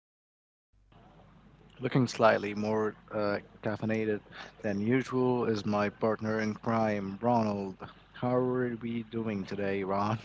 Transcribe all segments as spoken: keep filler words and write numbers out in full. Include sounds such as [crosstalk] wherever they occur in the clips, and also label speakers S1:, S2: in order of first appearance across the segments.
S1: across from me, looking slightly more uh, caffeinated than usual, is my partner in crime, Ronald. How are we doing today, Ron?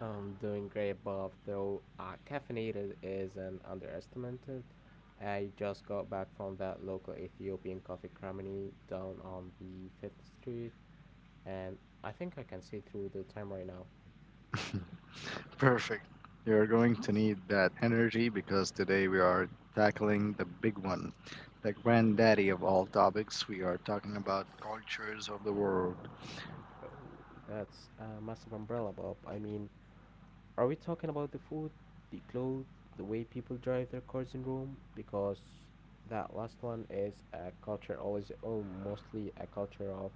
S2: I'm doing great, Bob. Though uh, caffeinated is an underestimated. I just got back from that local Ethiopian coffee creamery down on the fifth Street, and I think I can see through the time right now.
S1: [laughs] Perfect. You're going to need that energy because today we are tackling the big one, the granddaddy of all topics. We are talking about cultures of the world.
S2: Oh, that's a massive umbrella, Bob. I mean, are we talking about the food, the clothes, the way people drive their cars in Rome? Because that last one is a culture, always, oh, mostly a culture of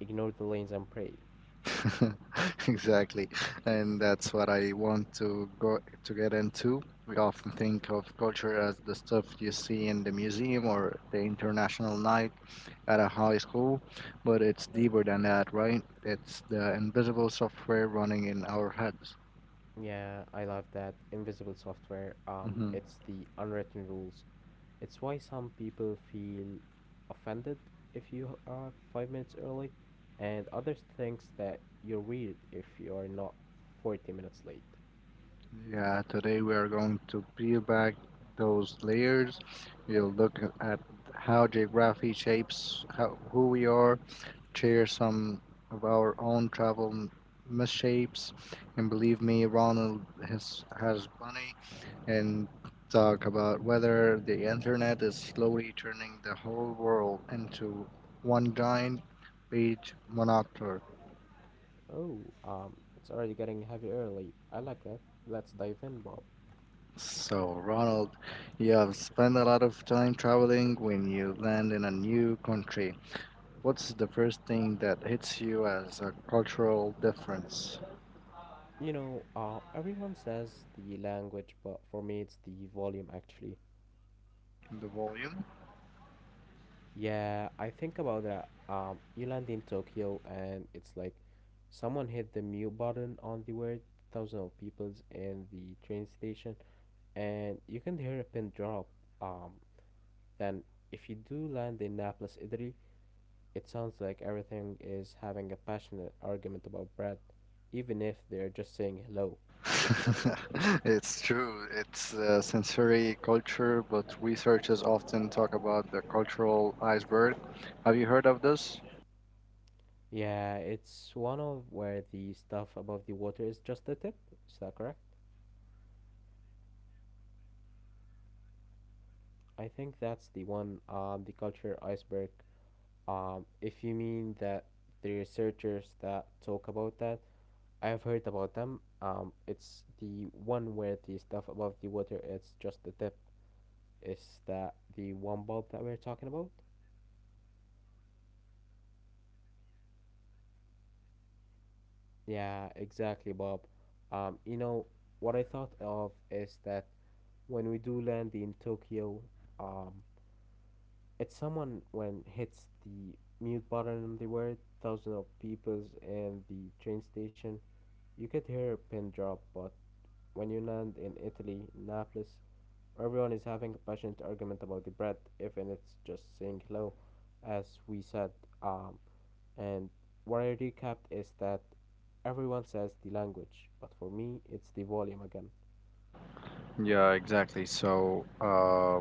S2: ignore the lanes and pray.
S1: [laughs] Exactly. And that's what I want to go to get into. We often think of culture as the stuff you see in the museum or the international night at a high school, but it's deeper than that, right? It's the invisible software running in our heads.
S2: Yeah, I love that. Invisible software, um,
S1: Hmm.
S2: it's the unwritten rules. It's why some people feel offended if you are five minutes early, and others thinks that you're weird if you're not forty minutes late.
S1: Yeah, today we are going to peel back those layers. We'll look at how geography shapes how, who we are, share some of our own travel m- misshapes. And believe me, Ronald has, has plenty, and talk about whether the internet is slowly turning the whole world into one giant page monoctor.
S2: Oh, um, it's already getting heavy early. I like that. Let's dive in, Bob.
S1: So, Ronald, you have spent a lot of time traveling when you land in a new country. What's the first thing that hits you as a cultural difference?
S2: You know, uh, everyone says the language, but for me, it's the volume actually.
S1: The volume?
S2: Yeah, I think about that. Um, You land in Tokyo and it's like someone hit the mute button on the word thousand of peoples in the train station and you can hear a pin drop. Um, then if you do land in Naples, Italy, it sounds like everything is having a passionate argument about bread, even if they're just saying hello.
S1: [laughs] It's true. It's uh, sensory culture, but researchers often talk about the cultural iceberg. Have you heard of this?
S2: Yeah, it's one of where the stuff above the water is just the tip. Is that correct? I think that's the one, um, the culture iceberg. Um, if you mean that the researchers that talk about that, I have heard about them. Um, it's the one where the stuff above the water it's just the tip. Is that the one, Bob, that we're talking about? Yeah, exactly, Bob. Um, you know what I thought of is that when we do land in Tokyo, um, it's someone when hits the mute button. There were thousands of peoples in the train station. You could hear a pin drop, but when you land in Italy, Naples, everyone is having a passionate argument about the bread, even it's just saying hello, as we said. Um, and what I recapped is that everyone says the language, but for me, it's the volume again.
S1: Yeah, exactly. So, uh,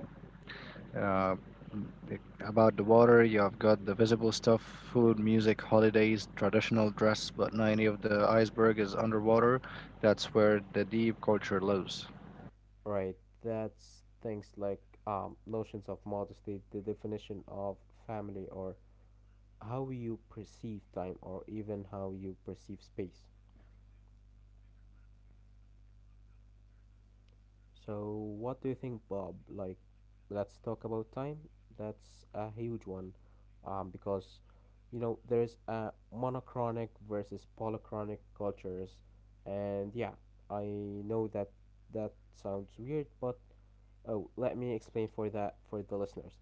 S1: uh, m- it- about the water, you have got the visible stuff food, music, holidays, traditional dress, but ninety of the iceberg is underwater. That's where the deep culture lives.
S2: Right, that's things like um, notions of modesty, the definition of family, or how you perceive time, or even how you perceive space. So, what do you think, Bob? Like, let's talk about time. That's a huge one, um, because you know there's a monochronic versus polychronic cultures, and yeah, I know that that sounds weird, but oh, let me explain for that for the listeners.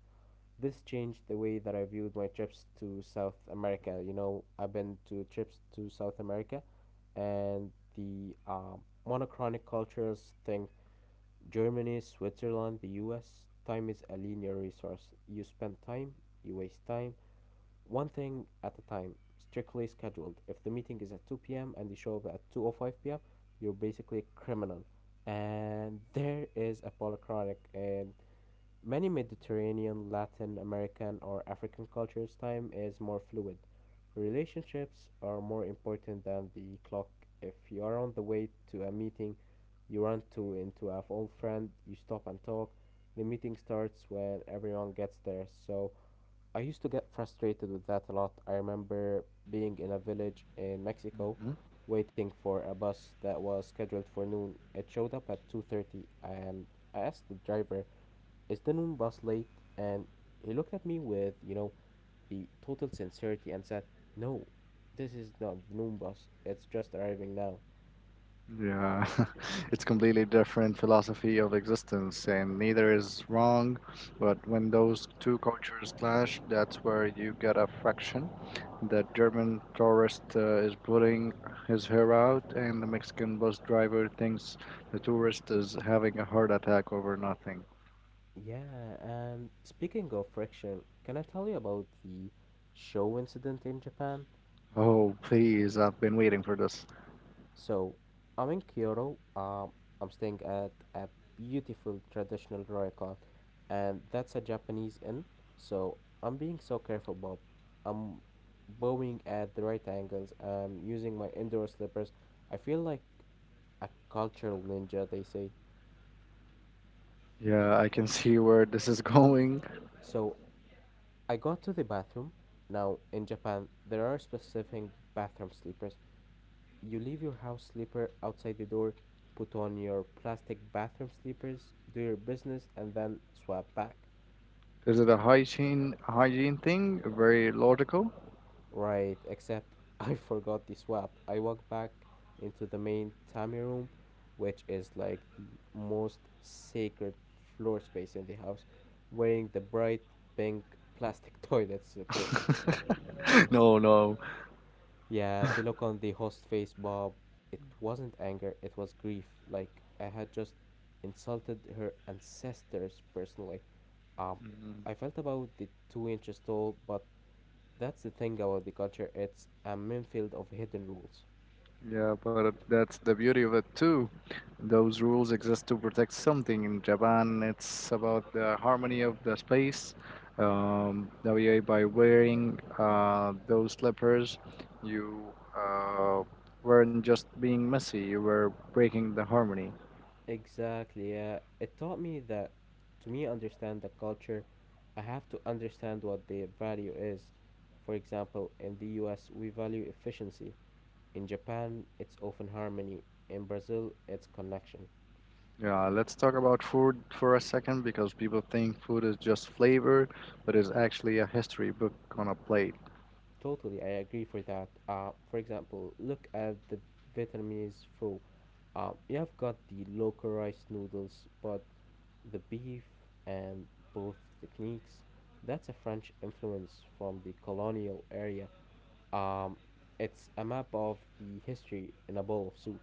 S2: This changed the way that I viewed my trips to South America. You know, I've been to trips to South America, and the um, monochronic cultures thing Germany, Switzerland, the U S. Time is a linear resource. You spend time, you waste time, one thing at a time, strictly scheduled. If the meeting is at two p m and you show up at two oh five p m, you're basically a criminal. And there is a polychronic and many Mediterranean, Latin American, or African cultures, time is more fluid. Relationships are more important than the clock. If you are on the way to a meeting, you run to into a old friend, you stop and talk. The meeting starts when everyone gets there. So I used to get frustrated with that a lot. I remember being in a village in Mexico
S1: Mhm.
S2: waiting for a bus that was scheduled for noon. It showed up at two thirty and I asked the driver it's the noon bus late, and he looked at me with, you know, the total sincerity and said, "No, this is not the noon bus, it's just arriving now."
S1: Yeah, [laughs] it's completely different philosophy of existence, and neither is wrong. But when those two cultures clash, that's where you get a friction. The German tourist uh, is putting his hair out, and the Mexican bus driver thinks the tourist is having a heart attack over nothing.
S2: Yeah, and speaking of friction, can I tell you about the show incident in Japan?
S1: Oh, please, I've been waiting for this.
S2: So I'm in Kyoto. Um, I'm staying at a beautiful traditional ryokan, and that's a Japanese inn. So I'm being so careful, Bob. I'm bowing at the right angles. I'm using my indoor slippers. I feel like a cultural ninja, they say.
S1: Yeah, I can [laughs] see where this is [laughs] going.
S2: So I got to the bathroom. Now in Japan, there are specific bathroom slippers. You leave your house slipper outside the door, put on your plastic bathroom slippers, do your business, and then swap back.
S1: Is it a hygiene hygiene thing? Very logical.
S2: Right, except [laughs] I forgot the swap. I walked back into the main tummy room, which is like the most sacred floor space in the house, wearing the bright pink plastic [laughs] toilet slippers.
S1: [laughs] No, no.
S2: Yeah, the look on the host face, Bob, it wasn't anger, it was grief. Like, I had just insulted her ancestors personally. Um,
S1: Mhm.
S2: I felt about the two inches tall, but that's the thing about the culture, it's a minefield of hidden rules.
S1: Yeah, but that's the beauty of it too. Those rules exist to protect something. In Japan, it's about the harmony of the space. Um, that way, by wearing uh, those slippers, you uh, weren't just being messy, you were breaking the harmony.
S2: Exactly, yeah. It taught me that to me understand the culture, I have to understand what their value is. For example, in the U S, we value efficiency. In Japan, it's often harmony. In Brazil, it's connection.
S1: Yeah, let's talk about food for a second because people think food is just flavor, but it's actually a history book on a plate.
S2: Totally, I agree for that. Uh, for example, look at the Vietnamese pho. Uh, you have got the local rice noodles, but the beef and both techniques, that's a French influence from the colonial area. Um, it's a map of the history in a bowl of soup.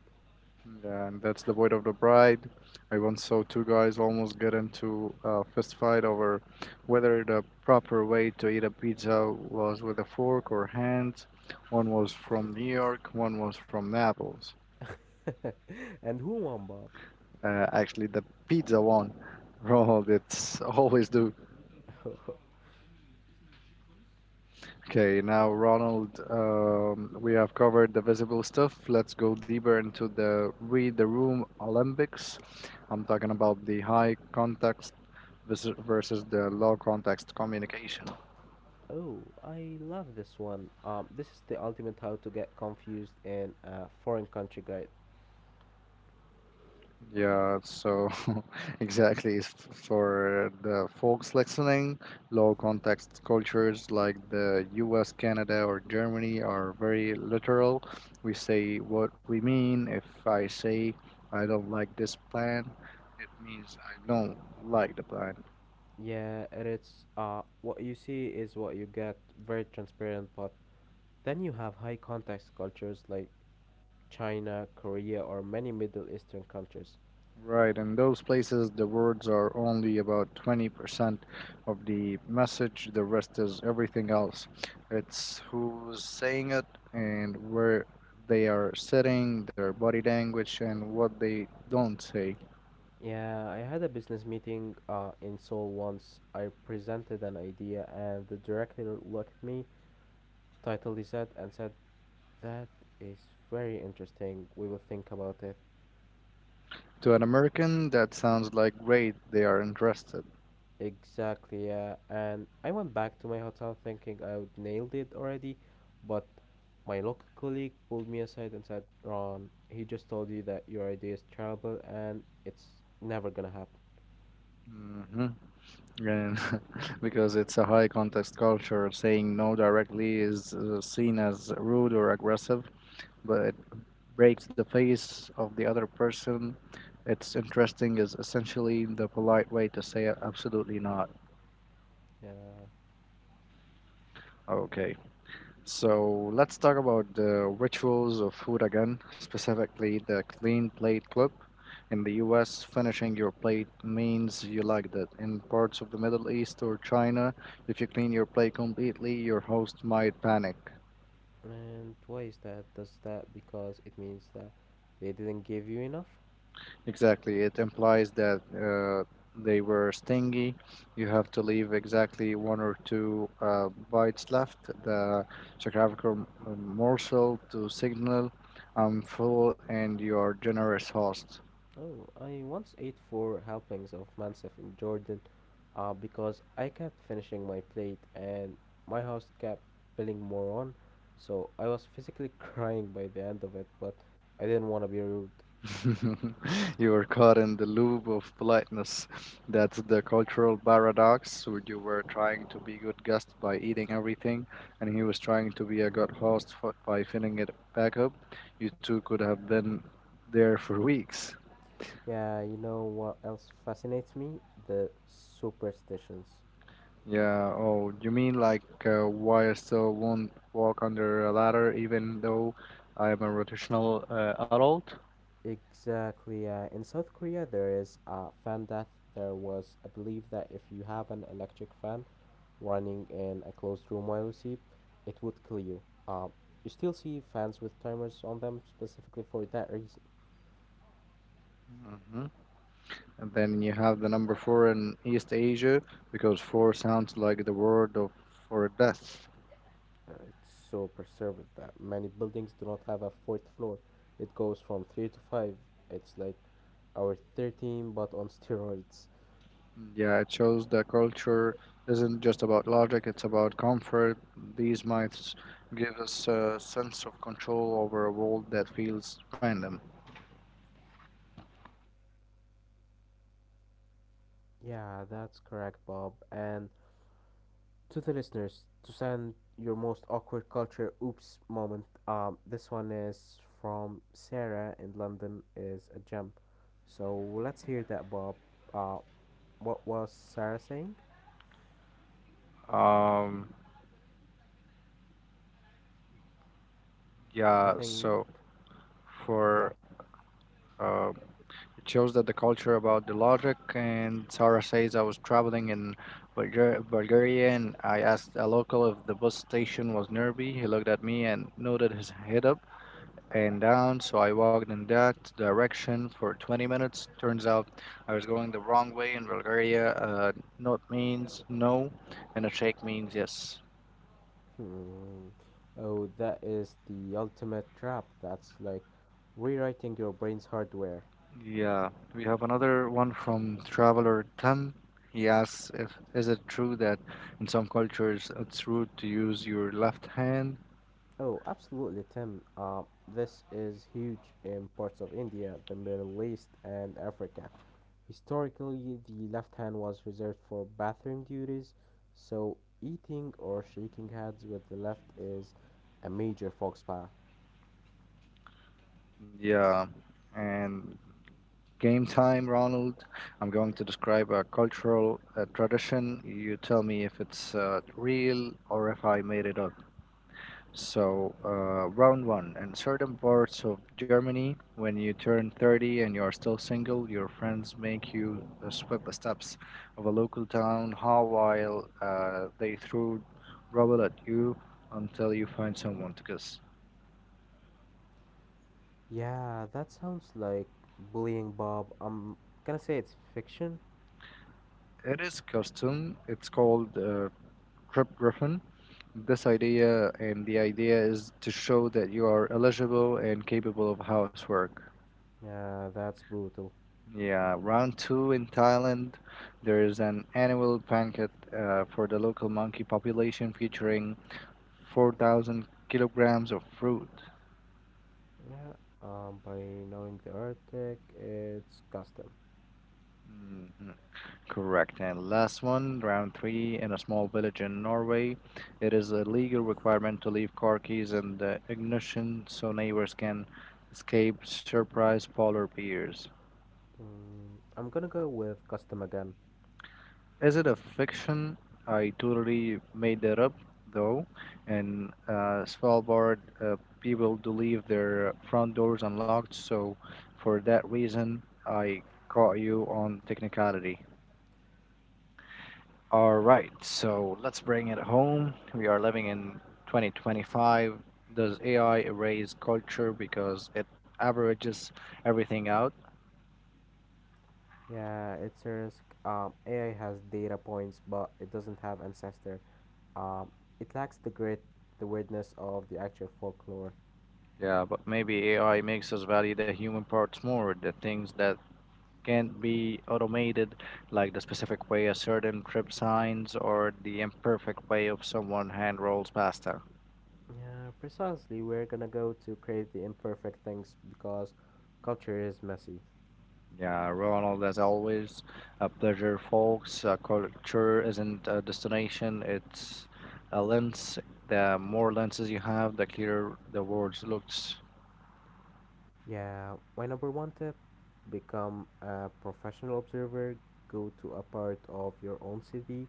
S1: Yeah, and that's the void of the bride. I once saw two guys almost get into a fist fight over whether the proper way to eat a pizza was with a fork or hands. One was from New York, one was from Naples.
S2: [laughs] And who won, Bob?
S1: Uh, actually, the pizza one. [laughs] Ronald, it's always do.
S2: [laughs]
S1: Okay, now Ronald, um, we have covered the visible stuff. Let's go deeper into the read the room Olympics. I'm talking about the high context vis- versus the low context communication.
S2: Oh, I love this one. Um, This is the ultimate how to get confused in a foreign country guide.
S1: Yeah, so [laughs] exactly it's f- for the folks listening, low context cultures like the U S, Canada, or Germany are very literal. We say what we mean. If I say I don't like this plan, it means I don't like the plan.
S2: Yeah, and it's uh what you see is what you get, very transparent, but then you have high context cultures like China, Korea, or many Middle Eastern countries.
S1: Right, in those places, the words are only about twenty percent of the message, the rest is everything else. It's who's saying it and where they are sitting, their body language, and what they don't say.
S2: Yeah, I had a business meeting uh in Seoul once. I presented an idea and the director looked at me, titled his head, and said, "That is very interesting. We will think about it."
S1: To an American, that sounds like great, they are interested.
S2: Exactly, yeah. And I went back to my hotel thinking I would nailed it already, but my local colleague pulled me aside and said, Ron, he just told you that your idea is terrible and it's never gonna happen.
S1: Hmm. And [laughs] because it's a high context culture, saying no directly is uh, seen as rude or aggressive. But breaks the face of the other person. It's interesting is essentially the polite way to say absolutely not.
S2: Yeah.
S1: Okay. So let's talk about the rituals of food again, specifically the clean plate club. In the U S, finishing your plate means you like that. In parts of the Middle East or China, if you clean your plate completely, your host might panic.
S2: And why is that? Does that because it means that they didn't give you enough?
S1: Exactly. It implies that uh, they were stingy. You have to leave exactly one or two uh, bites left, the geographical morsel to signal I'm full and you're generous host.
S2: Oh, I once ate four helpings of mansaf in Jordan, uh, because I kept finishing my plate and my host kept piling more on, so I was physically [laughs] crying by the end of it, but I didn't want to be rude.
S1: [laughs] You were caught in the loop of politeness. That's the cultural paradox where you were trying to be good guest by eating everything, and he was trying to be a good host for, by filling it back up. You two could have been there for weeks.
S2: Yeah, you know what else fascinates me? The superstitions.
S1: Yeah, oh, you mean like uh, why I still won't walk under a ladder even though I'm a rotational uh, adult?
S2: Exactly. Yeah. In South Korea, there is a fan death. There was a belief that if you have an electric fan running in a closed room while you see, it would kill you. Uh, you still see fans with timers on them specifically for that reason.
S1: Mhm. And then you have the number four in East Asia because four sounds like the word of for death.
S2: Uh, It's so pervasive that many buildings do not have a fourth floor. It goes from three to five. It's like our thirteen but on [laughs] steroids.
S1: Yeah, it shows the culture isn't just about logic, it's about comfort. These mites give us a sense of control over a world that feels random.
S2: Yeah, that's correct, Bob. And to the listeners to send your most awkward culture oops moment. Um, this one is from Sarah in London is a gem. So let's hear that, Bob. Uh, what was Sarah saying?
S1: Um,
S2: I
S1: yeah,
S2: think,
S1: so
S2: yeah.
S1: for uh, It shows that the culture about the logic. And Sarah says I was traveling in Bulgar- Bulgaria and I asked a local if the bus station was nearby. He looked at me and nodded his head up and down. So I walked in that direction for twenty minutes. Turns out I was going the wrong way in Bulgaria. Uh, not means no, and a shake means yes.
S2: Hmm. Oh, that is the ultimate trap. That's like rewriting your brain's hardware.
S1: Yeah, we have another one from traveler Tam. He asks if is it true that in some cultures it's rude to use your left hand?
S2: Oh, absolutely, Tim. Uh, this is huge in parts of India, the Middle East, and Africa. Historically, the left hand was reserved for bathroom duties, so eating or shaking hands with the left is a major faux pas.
S1: Yeah. And game time, Ronald. I'm going to describe a cultural uh, tradition. You tell me if it's uh, real or if I made it up. So, uh, round one. In certain parts of Germany, when you turn thirty and you are still single, your friends make you uh, sweep the steps of a local town hall while uh, they throw rubble at you until you find someone to kiss.
S2: Yeah, that sounds like bullying, Bob. I'm gonna say it's fiction.
S1: It is custom. It's called uh, Trip Griffin. This idea and the idea is to show that you are eligible and capable of housework.
S2: Yeah, that's brutal.
S1: Yeah, round two in Thailand. There is an annual banquet uh, for the local monkey population featuring four thousand kilograms of fruit.
S2: Yeah, um, by knowing the Arctic, it's custom.
S1: Hmm. Correct. And last one, round three, in a small village in Norway. It is a legal requirement to leave car keys in the ignition so neighbors can escape surprise polar bears.
S2: Mm, I'm gonna go with custom again.
S1: Is it a fiction? I totally made that up, though. And uh, Svalbard uh, people do leave their front doors unlocked, so for that reason, I caught you on technicality. All right, so let's bring it home. We are living in twenty twenty-five. Does A I erase culture because it averages everything out?
S2: Yeah, it's a risk. Um, A I has data points, but it doesn't have ancestor. Um, it lacks the grit, the weirdness of the actual folklore.
S1: Yeah, but maybe A I makes us value the human parts more, the things that can't be automated, like the specific way a certain trip signs or the imperfect way of someone hand rolls pasta.
S2: Yeah, precisely. We're gonna go to crave the imperfect things because culture is messy.
S1: Yeah, Ronald, as always, a pleasure, folks. Uh, culture isn't a destination, it's a lens. The more lenses you have, the clearer the words looks.
S2: Yeah, my number one tip become a professional observer, go to a part of your own city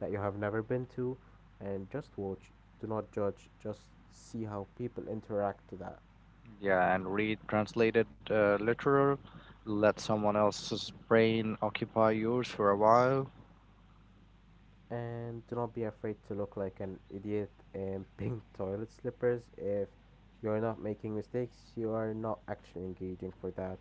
S2: that you have never been to, and just watch. Do not judge, just see how people interact to that.
S1: Yeah, and read translated uh, literal. Let someone else's brain occupy yours for a while.
S2: And do not be afraid to look like an idiot in [laughs] pink toilet slippers. If you're not making mistakes, you are not actually engaging for that.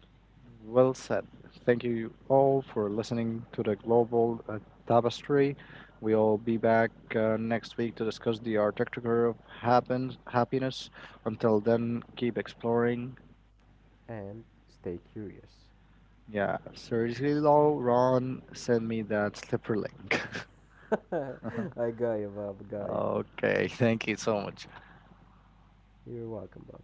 S1: Well said. Thank you all for listening to the Global uh, Tapestry. We'll be back uh, next week to discuss the architecture of happen- happiness. Until then, keep exploring.
S2: And stay curious.
S1: Yeah, seriously though, Ron, send me that slipper link.
S2: [laughs] I got you, Bob. Got
S1: [laughs]
S2: you.
S1: Okay, thank you so much.
S2: You're welcome, Bob.